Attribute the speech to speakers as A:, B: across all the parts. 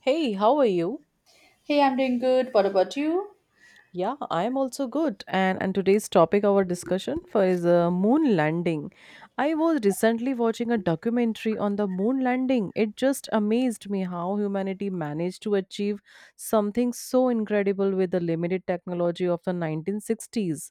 A: Hey, how are you?
B: Hey, I'm doing good. What about you?
A: Yeah, I'm also good. And today's topic our discussion for is moon landing. I was recently watching a documentary on the moon landing. It just amazed me how humanity managed to achieve something so incredible with the limited technology of the 1960s.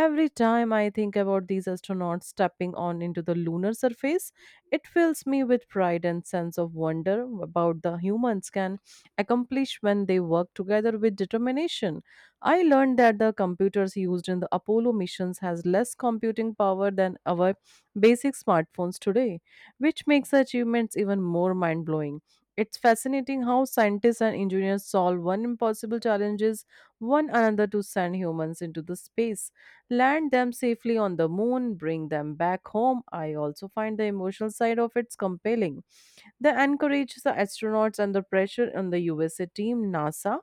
A: Every time I think about these astronauts stepping on into the lunar surface, it fills me with pride and sense of wonder about the humans can accomplish when they work together with determination. I learned that the computers used in the Apollo missions has less computing power than our basic smartphones today, which makes the achievements even more mind-blowing. It's fascinating how scientists and engineers solve one impossible challenges one another to send humans into the space, land them safely on the moon, bring them back home. I also find the emotional side of it's compelling. They encourage the astronauts and the pressure on the USA team, NASA,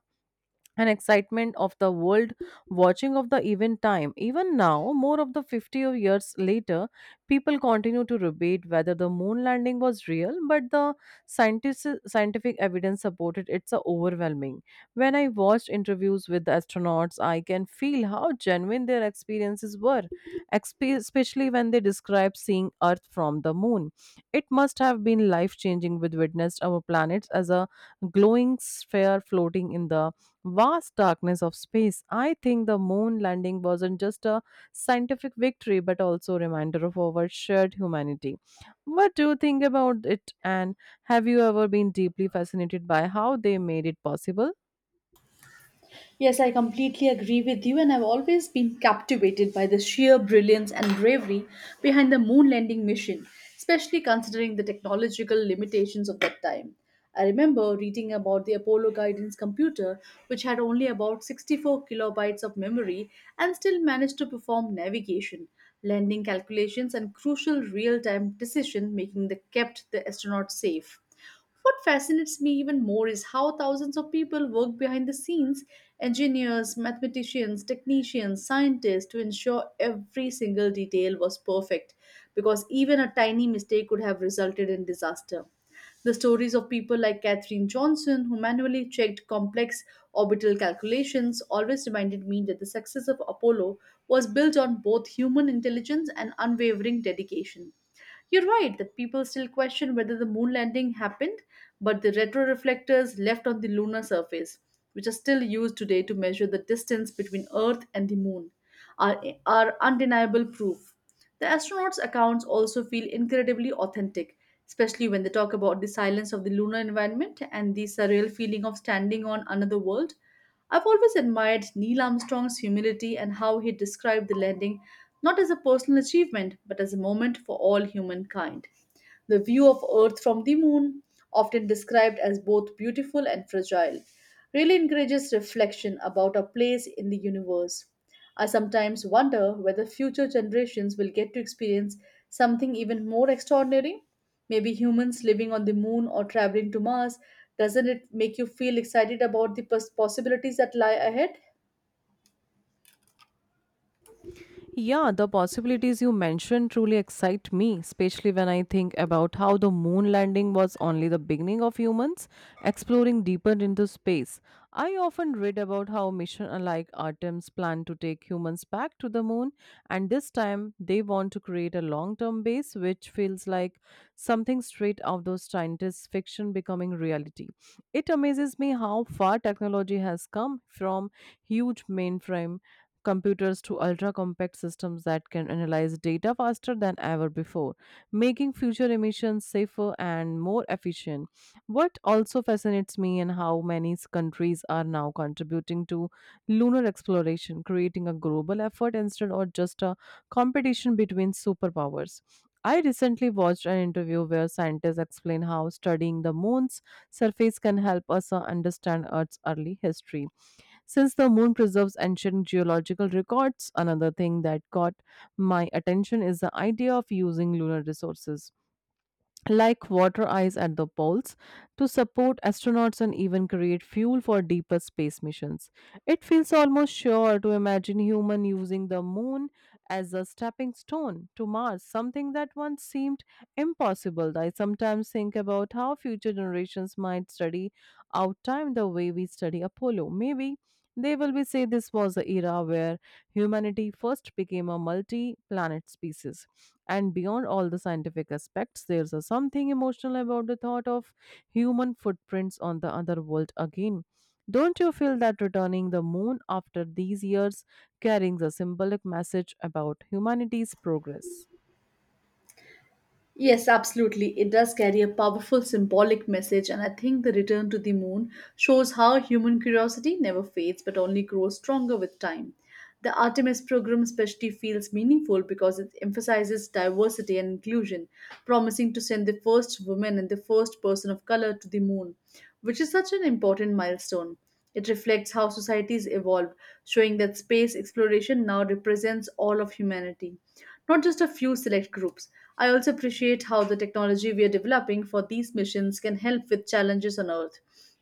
A: and excitement of the world watching of the event time. Even now, more of the 50 of years later, people continue to debate whether the moon landing was real, but the scientific evidence supported it's a overwhelming. When I watched interviews with the astronauts, I can feel how genuine their experiences were, especially when they describe seeing Earth from the moon. It must have been life changing with witnessed our planets as a glowing sphere floating in the vast darkness of space. I think the moon landing wasn't just a scientific victory, but also a reminder of our shared humanity. What do you think about it, and have you ever been deeply fascinated by how they made it possible?
B: Yes, I completely agree with you, and I've always been captivated by the sheer brilliance and bravery behind the moon landing mission, especially considering the technological limitations of that time. I remember reading about the Apollo guidance computer, which had only about 64 kilobytes of memory and still managed to perform navigation, landing calculations, and crucial real time decision making that kept the astronauts safe. What fascinates me even more is how thousands of people work behind the scenes engineers, mathematicians, technicians, scientists to ensure every single detail was perfect, because even a tiny mistake could have resulted in disaster. The stories of people like Katherine Johnson, who manually checked complex orbital calculations, always reminded me that the success of Apollo was built on both human intelligence and unwavering dedication. You're right that people still question whether the moon landing happened, but the retroreflectors left on the lunar surface, which are still used today to measure the distance between Earth and the moon, are undeniable proof. The astronauts' accounts also feel incredibly authentic, especially when they talk about the silence of the lunar environment and the surreal feeling of standing on another world. I've always admired Neil Armstrong's humility and how he described the landing not as a personal achievement, but as a moment for all humankind. The view of Earth from the moon, often described as both beautiful and fragile, really encourages reflection about our place in the universe. I sometimes wonder whether future generations will get to experience something even more extraordinary. Maybe humans living on the moon or traveling to Mars, doesn't it make you feel excited about the possibilities that lie ahead?
A: Yeah, the possibilities you mentioned truly excite me, especially when I think about how the moon landing was only the beginning of humans exploring deeper into space. I often read about how missions like Artemis plan to take humans back to the moon, and this time they want to create a long term base, which feels like something straight out of scientist fiction becoming reality. It amazes me how far technology has come from huge mainframe computers to ultra compact systems that can analyze data faster than ever before, making future emissions safer and more efficient. What also fascinates me in how many s- countries are now contributing to lunar exploration, creating a global effort instead of just a competition between superpowers. I recently watched an interview where scientists explain how studying the moon's surface can help us understand Earth's early history, since the moon preserves ancient geological records. Another thing that caught my attention is the idea of using lunar resources, like water ice at the poles, to support astronauts and even create fuel for deeper space missions. It feels almost sure to imagine human using the moon as a stepping stone to Mars, something that once seemed impossible. I sometimes think about how future generations might study our time the way we study Apollo. Maybe they will be say this was the era where humanity first became a multi planet species. And beyond all the scientific aspects, there's a something emotional about the thought of human footprints on the other world again. Don't you feel that returning the moon after these years carries a symbolic message about humanity's progress?
B: Yes, absolutely. It does carry a powerful symbolic message, and I think the return to the moon shows how human curiosity never fades but only grows stronger with time. The Artemis program especially feels meaningful because it emphasizes diversity and inclusion, promising to send the first woman and the first person of color to the moon, which is such an important milestone. It reflects how societies evolve, showing that space exploration now represents all of humanity, not just a few select groups. I also appreciate how the technology we are developing for these missions can help with challenges on Earth,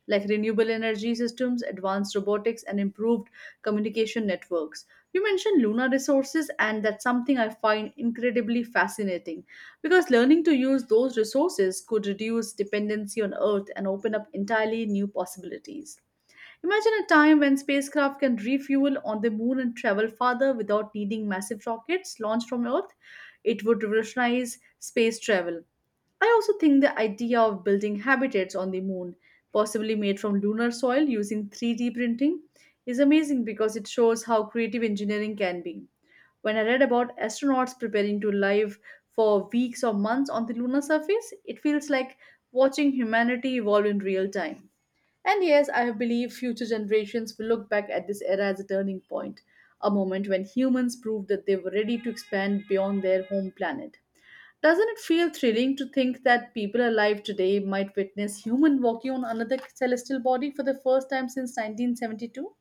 B: like renewable energy systems, advanced robotics, and improved communication networks. You mentioned lunar resources, and that's something I find incredibly fascinating because learning to use those resources could reduce dependency on Earth and open up entirely new possibilities. Imagine a time when spacecraft can refuel on the moon and travel farther without needing massive rockets launched from Earth. It would revolutionize space travel. I also think the idea of building habitats on the moon, possibly made from lunar soil using 3D printing, is amazing because it shows how creative engineering can be. When I read about astronauts preparing to live for weeks or months on the lunar surface, it feels like watching humanity evolve in real time. And yes, I believe future generations will look back at this era as a turning point, a moment when humans proved that they were ready to expand beyond their home planet. Doesn't it feel thrilling to think that people alive today might witness human walking on another celestial body for the first time since 1972?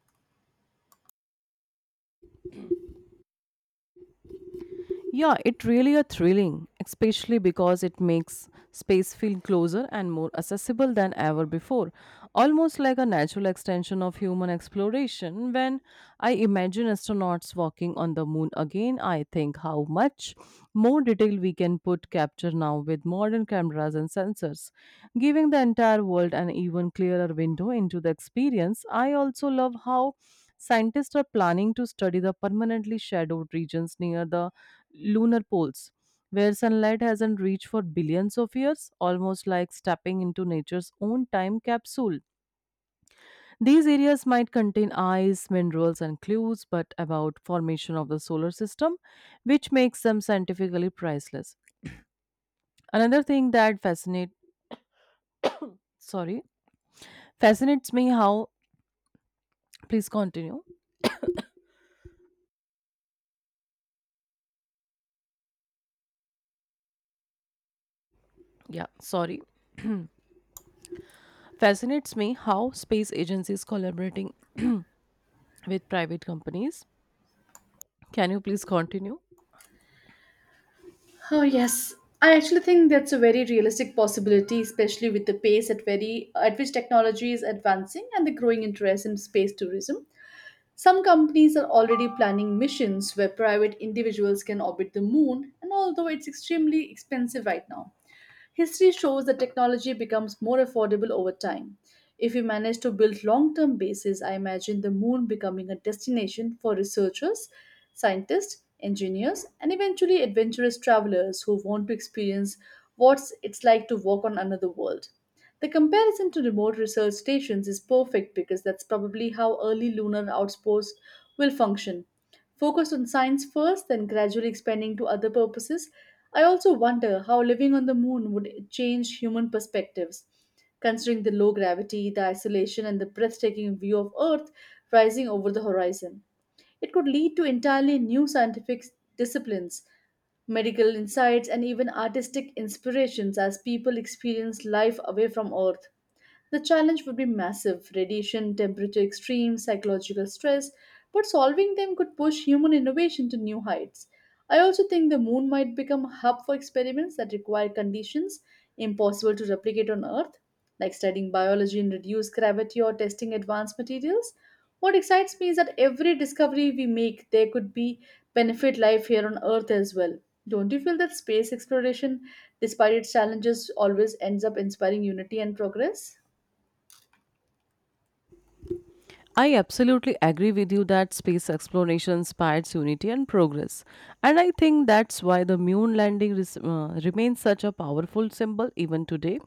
A: Yeah, it really a thrilling, especially because it makes space feel closer and more accessible than ever before, almost like a natural extension of human exploration. When I imagine astronauts walking on the moon again, I think how much more detail we can put capture now with modern cameras and sensors, giving the entire world an even clearer window into the experience. I also love how scientists are planning to study the permanently shadowed regions near the lunar poles, where sunlight hasn't reached for billions of years, almost like stepping into nature's own time capsule. These areas might contain ice, minerals, and clues, but about formation of the solar system, which makes them scientifically priceless. Another thing that sorry fascinates me how please continue. Yeah, sorry. Fascinates me how space agencies collaborating with private companies. Can you please continue?
B: Oh, yes. I actually think that's a very realistic possibility, especially with the pace at which technology is advancing and the growing interest in space tourism. Some companies are already planning missions where private individuals can orbit the moon, and although it's extremely expensive right now, history shows that technology becomes more affordable over time. If we manage to build long term bases, I imagine the moon becoming a destination for researchers, scientists, engineers, and eventually adventurous travelers who want to experience what it's like to walk on another world. The comparison to remote research stations is perfect because that's probably how early lunar outposts will function focused on science first, then gradually expanding to other purposes. I also wonder how living on the moon would change human perspectives. Considering the low gravity, the isolation, and the breathtaking view of Earth rising over the horizon, it could lead to entirely new scientific disciplines, medical insights, and even artistic inspirations as people experience life away from Earth. The challenge would be massive radiation, temperature extremes, psychological stress, but solving them could push human innovation to new heights. I also think the moon might become a hub for experiments that require conditions impossible to replicate on Earth, like studying biology in reduced gravity or testing advanced materials. What excites me is that every discovery we make, there could be benefit life here on Earth as well. Don't you feel that space exploration, despite its challenges, always ends up inspiring unity and progress?
A: I absolutely agree with you that space exploration inspires unity and progress. And I think that's why the moon landing remains such a powerful symbol even today.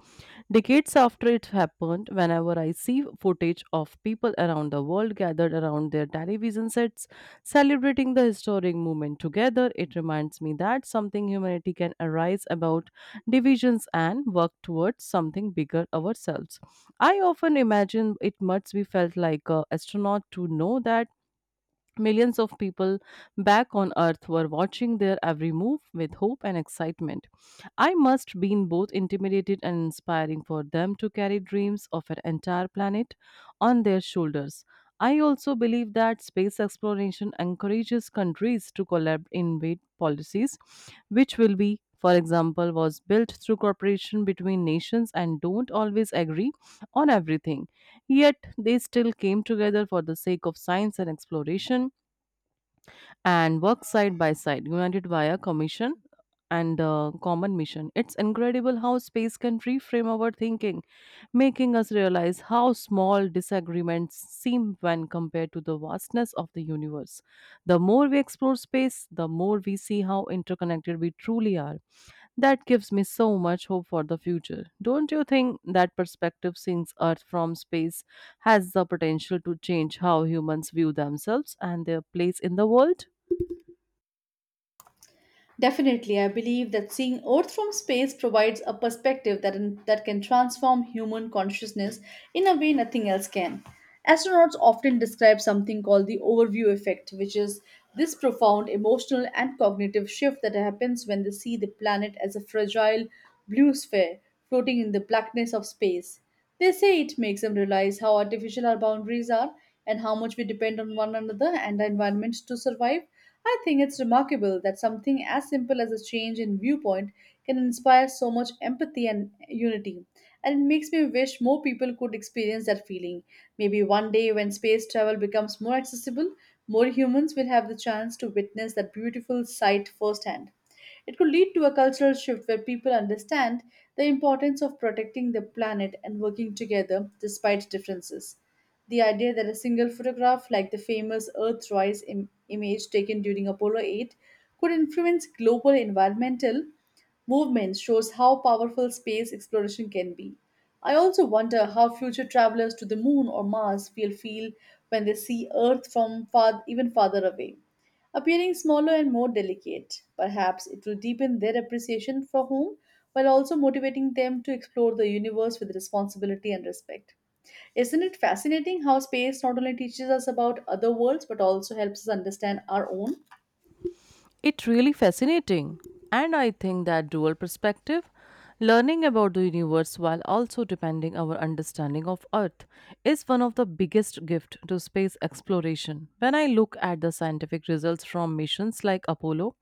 A: Decades after it happened, whenever I see footage of people around the world gathered around their television sets celebrating the historic moment together, it reminds me that something humanity can arise about divisions and work towards something bigger ourselves. I often imagine it must be felt like a astronaut to know that millions of people back on Earth were watching their every move with hope and excitement. I must been both intimidated and inspiring for them to carry dreams of an entire planet on their shoulders. I also believe that space exploration encourages countries to collaborate in with policies, which will be, for example, was built through cooperation between nations and don't always agree on everything. Yet they still came together for the sake of science and exploration, and work side by side, united by a commission and a common mission. It's incredible how space can reframe our thinking, making us realize how small disagreements seem when compared to the vastness of the universe. The more we explore space, the more we see how interconnected we truly are. That gives me so much hope for the future. Don't you think that perspective, seeing Earth from space, has the potential to change how humans view themselves and their place in the world?
B: Definitely, I believe that seeing Earth from space provides a perspective that can transform human consciousness in a way nothing else can. Astronauts often describe something called the overview effect, which is this profound emotional and cognitive shift that happens when they see the planet as a fragile blue sphere floating in the blackness of space. They say it makes them realize how artificial our boundaries are and how much we depend on one another and the environment to survive. I think it's remarkable that something as simple as a change in viewpoint can inspire so much empathy and unity. And it makes me wish more people could experience that feeling. Maybe one day when space travel becomes more accessible, more humans will have the chance to witness that beautiful sight firsthand. It could lead to a cultural shift where people understand the importance of protecting the planet and working together despite differences. The idea that a single photograph, like the famous Earthrise image taken during Apollo 8, could influence global environmental movements shows how powerful space exploration can be. I also wonder how future travelers to the moon or Mars will feel when they see Earth from far, even farther away appearing smaller and more delicate. Perhaps it will deepen their appreciation for home while also motivating them to explore the universe with responsibility and respect. Isn't it fascinating how space not only teaches us about other worlds but also helps us understand our own?
A: It really fascinating. And I think that dual perspective, learning about the universe while also depending our understanding of Earth, is one of the biggest gift to space exploration. When I look at the scientific results from missions like Apollo,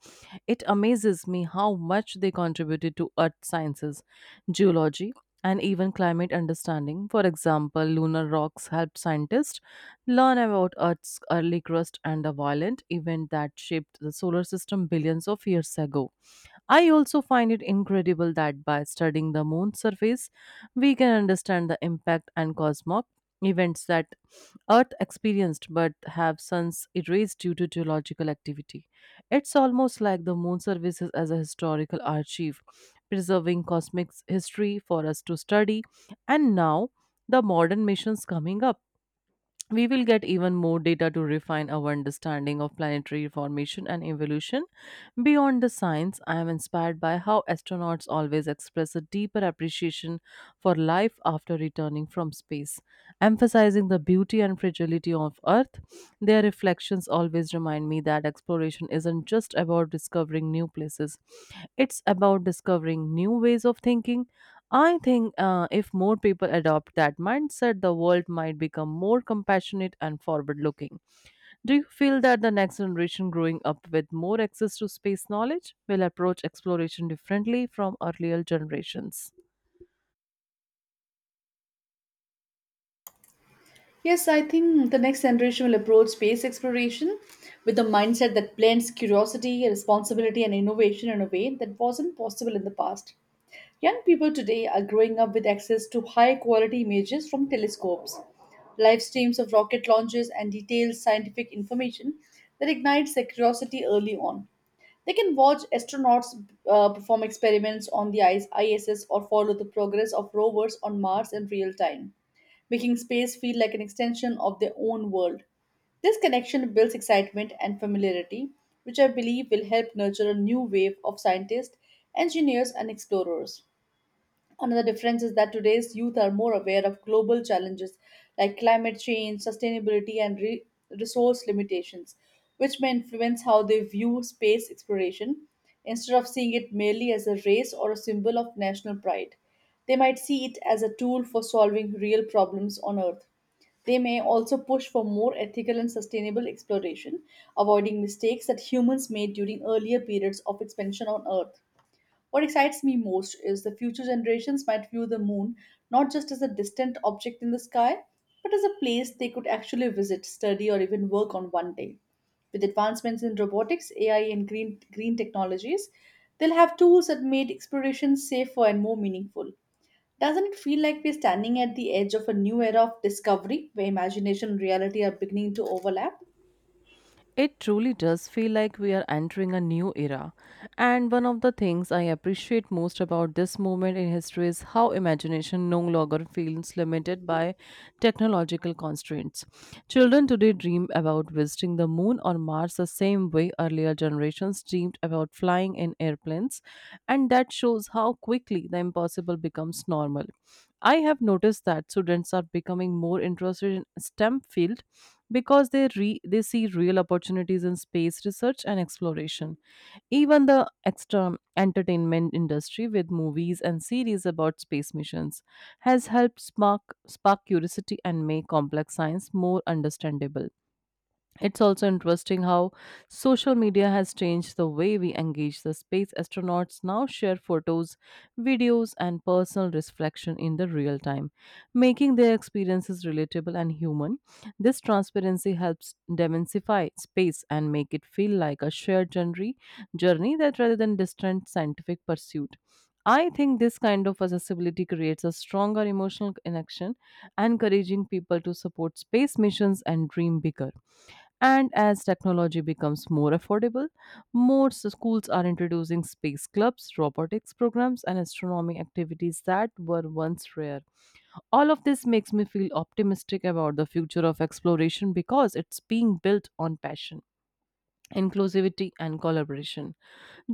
A: it amazes me how much they contributed to Earth sciences, geology, and even climate understanding. For example, lunar rocks helped scientists learn about Earth's early crust and a violent event that shaped the solar system billions of years ago. I also find it incredible that by studying the moon's surface, we can understand the impact and cosmic events that Earth experienced but have since erased due to geological activity. It's almost like the moon services as a historical archive, preserving cosmic history for us to study. And now, the modern missions coming up, we will get even more data to refine our understanding of planetary formation and evolution. Beyond the science, I am inspired by how astronauts always express a deeper appreciation for life after returning from space. Emphasizing the beauty and fragility of Earth, their reflections always remind me that exploration isn't just about discovering new places, it's about discovering new ways of thinking. I think, if more people adopt that mindset, the world might become more compassionate and forward looking. Do you feel that the next generation growing up with more access to space knowledge will approach exploration differently from earlier generations?
B: Yes, I think the next generation will approach space exploration with a mindset that blends curiosity, responsibility, and innovation in a way that wasn't possible in the past. Young people today are growing up with access to high quality images from telescopes, live streams of rocket launches, and detailed scientific information that ignites their curiosity early on. They can watch astronauts perform experiments on the ISS or follow the progress of rovers on Mars in real time making space feel like an extension of their own world. This connection builds excitement and familiarity, which I believe will help nurture a new wave of scientists, engineers, and explorers. Another difference is that today's youth are more aware of global challenges like climate change, sustainability, and resource limitations, which may influence how they view space exploration. Instead of seeing it merely as a race or a symbol of national pride, they might see it as a tool for solving real problems on Earth. They may also push for more ethical and sustainable exploration, avoiding mistakes that humans made during earlier periods of expansion on Earth. What excites me most is the future generations might view the moon not just as a distant object in the sky, but as a place they could actually visit, study, or even work on one day. With advancements in robotics, AI, and green technologies, they'll have tools that made exploration safer and more meaningful. Doesn't it feel like we're standing at the edge of a new era of discovery where imagination and reality are beginning to overlap?
A: It truly does feel like we are entering a new era. And one of the things I appreciate most about this moment in history is how imagination no longer feels limited by technological constraints. Children today dream about visiting the moon or Mars the same way earlier generations dreamed about flying in airplanes, and that shows how quickly the impossible becomes normal. I have noticed that students are becoming more interested in STEM field, because they see real opportunities in space research and exploration. Even the extra entertainment industry with movies and series about space missions has helped spark curiosity and make complex science more understandable. It's also interesting how social media has changed the way we engage the space. Astronauts now share photos, videos, and personal reflection in the real time, making their experiences relatable and human. This transparency helps demystify space and make it feel like a shared journey that rather than distant scientific pursuit. I think this kind of accessibility creates a stronger emotional connection, encouraging people to support space missions and dream bigger. And as technology becomes more affordable, more s- schools are introducing space clubs, robotics programs, and astronomy activities that were once rare. All of this makes me feel optimistic about the future of exploration, because it's being built on passion, inclusivity, and collaboration.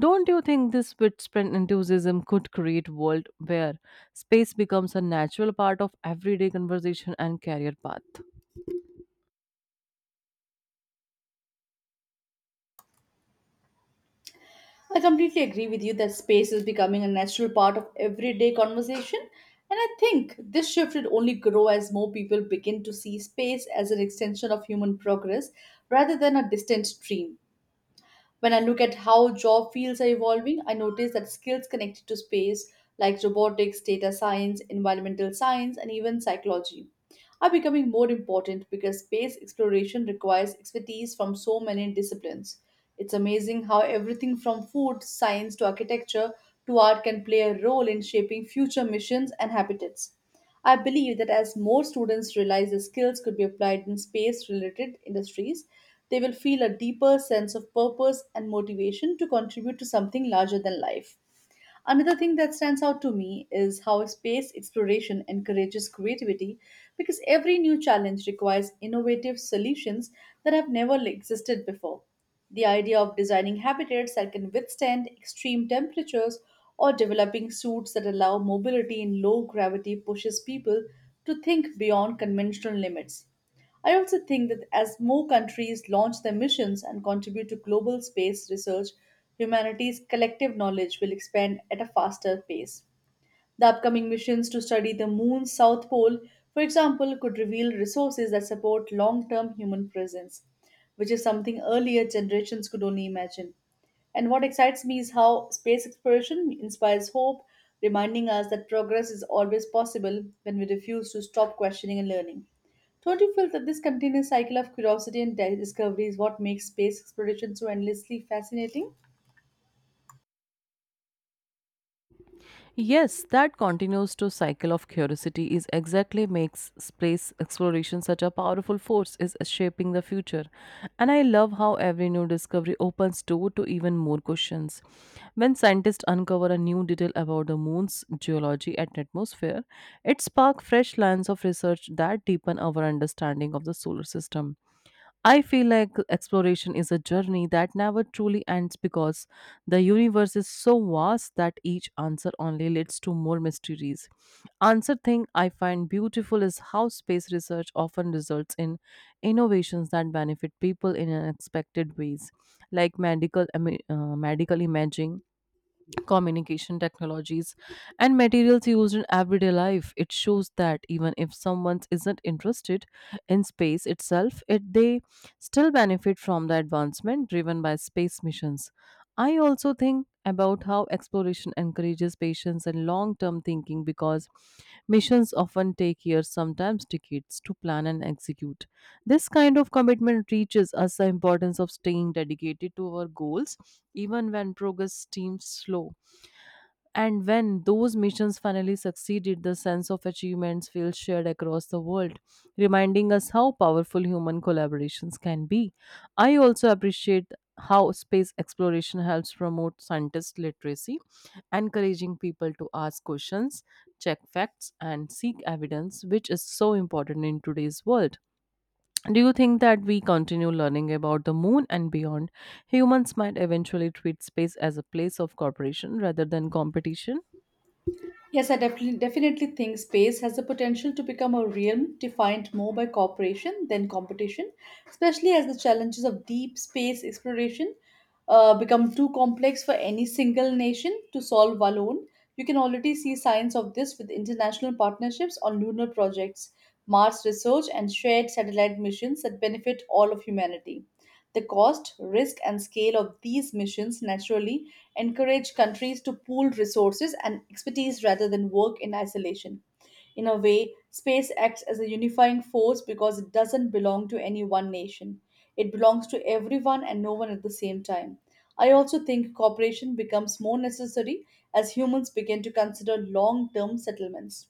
A: Don't you think this widespread enthusiasm could create world where space becomes a natural part of everyday conversation and career path?
B: I completely agree with you that space is becoming a natural part of everyday conversation. And I think this shift will only grow as more people begin to see space as an extension of human progress rather than a distant stream. When I look at how job fields are evolving, I notice that skills connected to space, like robotics, data science, environmental science, and even psychology, are becoming more important because space exploration requires expertise from so many disciplines. It's amazing how everything from food, science, to architecture, to art can play a role in shaping future missions and habitats. I believe that as more students realize their skills could be applied in space related industries, they will feel a deeper sense of purpose and motivation to contribute to something larger than life. Another thing that stands out to me is how space exploration encourages creativity because every new challenge requires innovative solutions that have never existed before. The idea of designing habitats that can withstand extreme temperatures or developing suits that allow mobility in low gravity pushes people to think beyond conventional limits. I also think that as more countries launch their missions and contribute to global space research, humanity's collective knowledge will expand at a faster pace. The upcoming missions to study the moon's south pole, for example, could reveal resources that support long term human presence, which is something earlier generations could only imagine. And what excites me is how space exploration inspires hope, reminding us that progress is always possible when we refuse to stop questioning and learning. Don't you feel that this continuous cycle of curiosity and discovery is what makes space exploration so endlessly fascinating?
A: Yes, that continuous to cycle of curiosity is exactly makes space exploration such a powerful force is shaping the future. And I love how every new discovery opens door to even more questions. When scientists uncover a new detail about the moon's geology and atmosphere, it sparks fresh lines of research that deepen our understanding of the solar system. I feel like exploration is a journey that never truly ends, because the universe is so vast that each answer only leads to more mysteries. Answer thing I find beautiful is how space research often results in innovations that benefit people in unexpected ways, like medical imaging, communication technologies, and materials used in everyday life. It shows that even if someone isn't interested in space itself, they still benefit from the advancement driven by space missions. I also think about how exploration encourages patience and long term thinking because missions often take years, sometimes decades, to plan and execute. This kind of commitment teaches us the importance of staying dedicated to our goals even when progress seems slow. And when those missions finally succeeded, the sense of achievements feels shared across the world, reminding us how powerful human collaborations can be. I also appreciate how space exploration helps promote scientist literacy, encouraging people to ask questions, check facts, and seek evidence, which is so important in today's world. Do you think that we continue learning about the moon and beyond? Humans might eventually treat space as a place of cooperation rather than competition.
B: Yes, I definitely think space has the potential to become a realm defined more by cooperation than competition, especially as the challenges of deep space exploration become too complex for any single nation to solve alone. You can already see signs of this with international partnerships on lunar projects, Mars research, and shared satellite missions that benefit all of humanity. The cost, risk, and scale of these missions naturally encourage countries to pool resources and expertise rather than work in isolation. In a way, space acts as a unifying force because it doesn't belong to any one nation. It belongs to everyone and no one at the same time. I also think cooperation becomes more necessary as humans begin to consider long term settlements,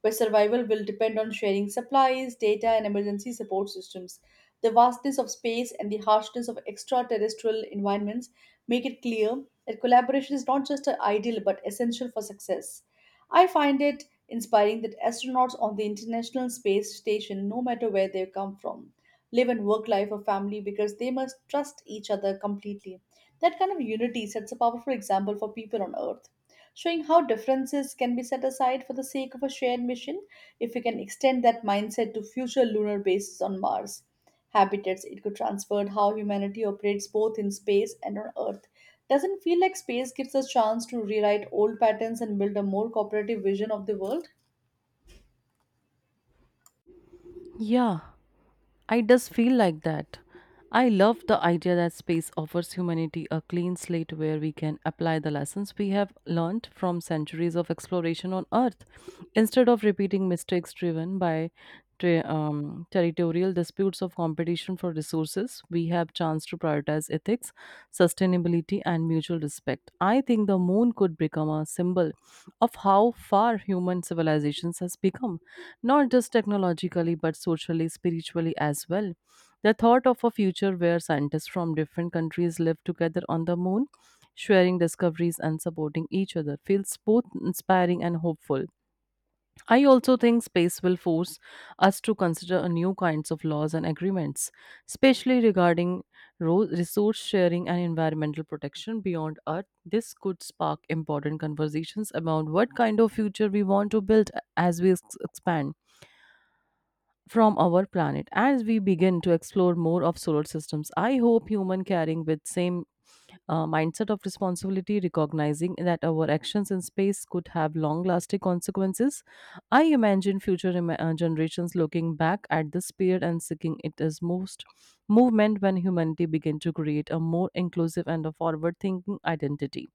B: where survival will depend on sharing supplies, data, and emergency support systems. The vastness of space and the harshness of extraterrestrial environments make it clear that collaboration is not just an ideal but essential for success. I find it inspiring that astronauts on the International Space Station, no matter where they come from, live and work life or family because they must trust each other completely. That kind of unity sets a powerful example for people on Earth, showing how differences can be set aside for the sake of a shared mission. If we can extend that mindset to future lunar bases on Mars habitats, it could transform how humanity operates both in space and on Earth. Doesn't feel like space gives us a chance to rewrite old patterns and build a more cooperative vision of the world?
A: Yeah, I does feel like that. I love the idea that space offers humanity a clean slate where we can apply the lessons we have learned from centuries of exploration on Earth instead of repeating mistakes driven by territorial disputes of competition for resources. We have chance to prioritize ethics, sustainability, humility, and mutual respect. I think the moon could become a symbol of how far human civilizations has become, not just technologically but socially, spiritually as well. The thought of a future where scientists from different countries live together on the moon, sharing discoveries and supporting each other feels both inspiring and hopeful. I also think space will force us to consider a new kinds of laws and agreements, especially regarding resource sharing and environmental protection beyond Earth. This could spark important conversations about what kind of future we want to build as we expand from our planet. As we begin to explore more of solar systems, I hope human carrying with same mindset of responsibility, recognizing that our actions in space could have long lasting consequences. I imagine future generations looking back at this period and seeking it as most movement when humanity began to create a more inclusive and a forward thinking identity.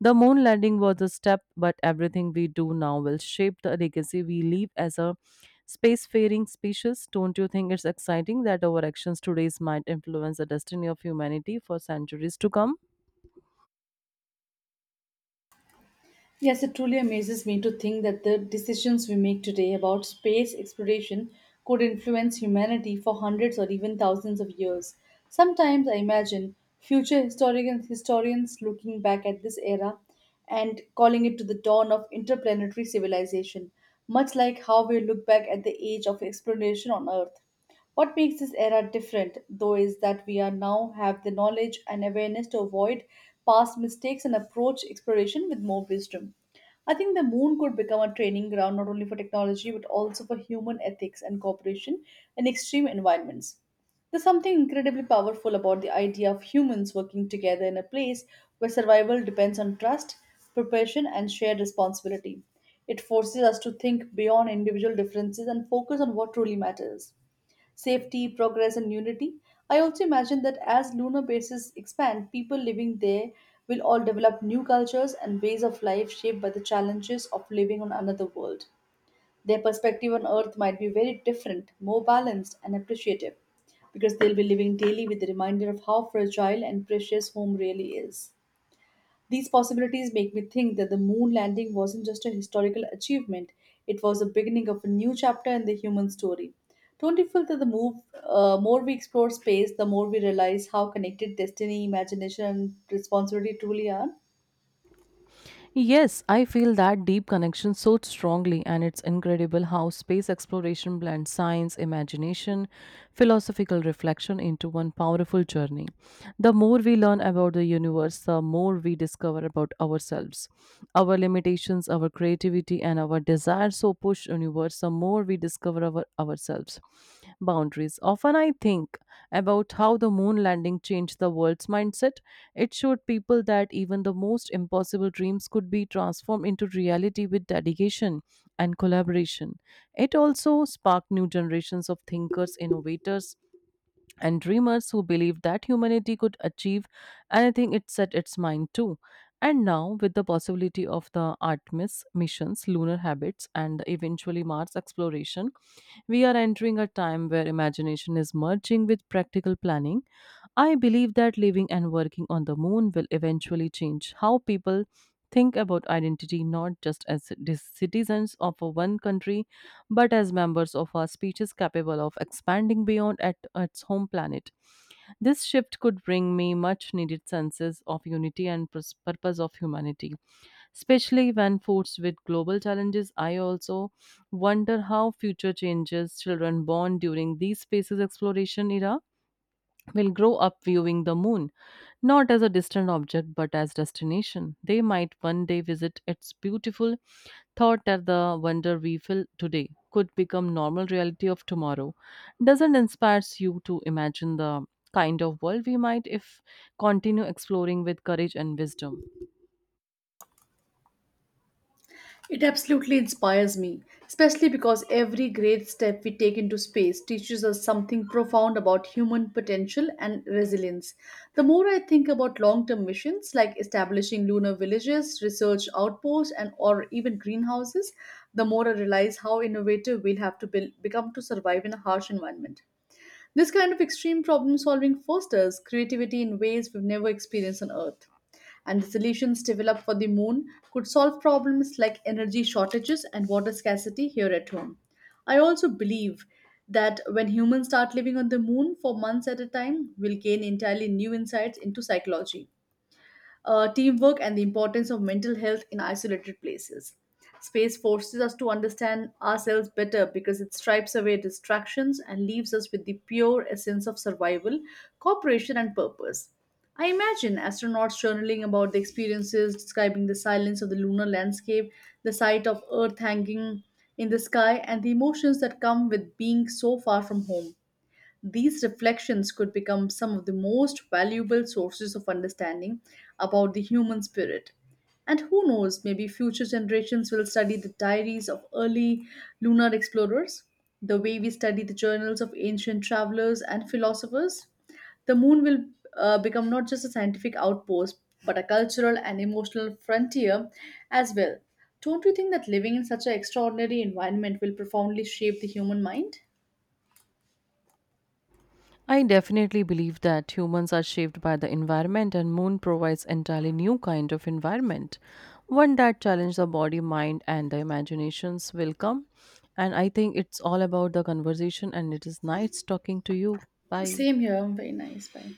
A: The moon landing was a step, but everything we do now will shape the legacy we leave as a spacefaring species. Don't you think it's exciting that our actions today might influence the destiny of humanity for centuries to come?
B: Yes, it truly amazes me to think that the decisions we make today about space exploration could influence humanity for hundreds or even thousands of years. Sometimes I imagine historians looking back at this era and calling it to the dawn of interplanetary civilization, much like how we look back at the age of exploration on Earth. What makes this era different, though, is that we are now have the knowledge and awareness to avoid past mistakes and approach exploration with more wisdom. I think the moon could become a training ground not only for technology but also for human ethics and cooperation in extreme environments. There's something incredibly powerful about the idea of humans working together in a place where survival depends on trust, preparation, and shared responsibility. It forces us to think beyond individual differences and focus on what truly matters: safety, progress, and unity. I also imagine that as lunar bases expand, people living there will all develop new cultures and ways of life shaped by the challenges of living on another world. Their perspective on Earth might be very different, more balanced, and appreciative, because they'll be living daily with the reminder of how fragile and precious home really is. These possibilities make me think that the moon landing wasn't just a historical achievement, it was the beginning of a new chapter in the human story. Don't you feel that more we explore space, the more we realize how connected destiny, imagination, and responsibility truly are?
A: Yes, I feel that deep connection so strongly, and it's incredible how space exploration blends science, imagination, philosophical reflection into one powerful journey. The more we learn about the universe, the more we discover about ourselves, our limitations, our creativity, and our desires. So push universe, the more we discover our ourselves boundaries. Often I think about how the moon landing changed the world's mindset. It showed people that even the most impossible dreams could be transformed into reality with dedication and collaboration. It also sparked new generations of thinkers, innovators, and dreamers who believed that humanity could achieve anything it set its mind to. And now, with the possibility of the Artemis missions, lunar habits, and eventually Mars exploration, we are entering a time where imagination is merging with practical planning. I believe that living and working on the moon will eventually change how people think about identity, not just as citizens of a one country but as members of a species capable of expanding beyond at its home planet. This shift could bring me much needed senses of unity and purpose of humanity. Especially when faced with global challenges, I also wonder how future changes children born during these spaces exploration era will grow up viewing the moon, not as a distant object but as destination. They might one day visit its beautiful. Thought that the wonder we feel today could become normal reality of tomorrow. Doesn't inspires you to imagine the kind of world we might if continue exploring with courage and wisdom?
B: It absolutely inspires me, especially because every great step we take into space teaches us something profound about human potential and resilience. The more I think about long-term missions like establishing lunar villages, research outposts, and or even greenhouses, the more I realize how innovative we'll have to become to survive in a harsh environment. This kind of extreme problem solving fosters creativity in ways we've never experienced on Earth. And the solutions developed for the moon could solve problems like energy shortages and water scarcity here at home. I also believe that when humans start living on the moon for months at a time, we'll gain entirely new insights into psychology, teamwork, and the importance of mental health in isolated places. Space forces us to understand ourselves better because it stripes away distractions and leaves us with the pure essence of survival, cooperation, and purpose. I imagine astronauts journaling about the experiences, describing the silence of the lunar landscape, the sight of Earth hanging in the sky, and the emotions that come with being so far from home. These reflections could become some of the most valuable sources of understanding about the human spirit. And who knows, maybe future generations will study the diaries of early lunar explorers, the way we study the journals of ancient travelers and philosophers. The moon will, become not just a scientific outpost, but a cultural and emotional frontier as well. Don't you think that living in such an extraordinary environment will profoundly shape the human mind?
A: I definitely believe that humans are shaped by the environment and moon provides entirely new kind of environment. One that challenges the body, mind and the imaginations will come. And I think it's all about the conversation and it is nice talking to you. Bye.
B: Same here. Very nice. Bye.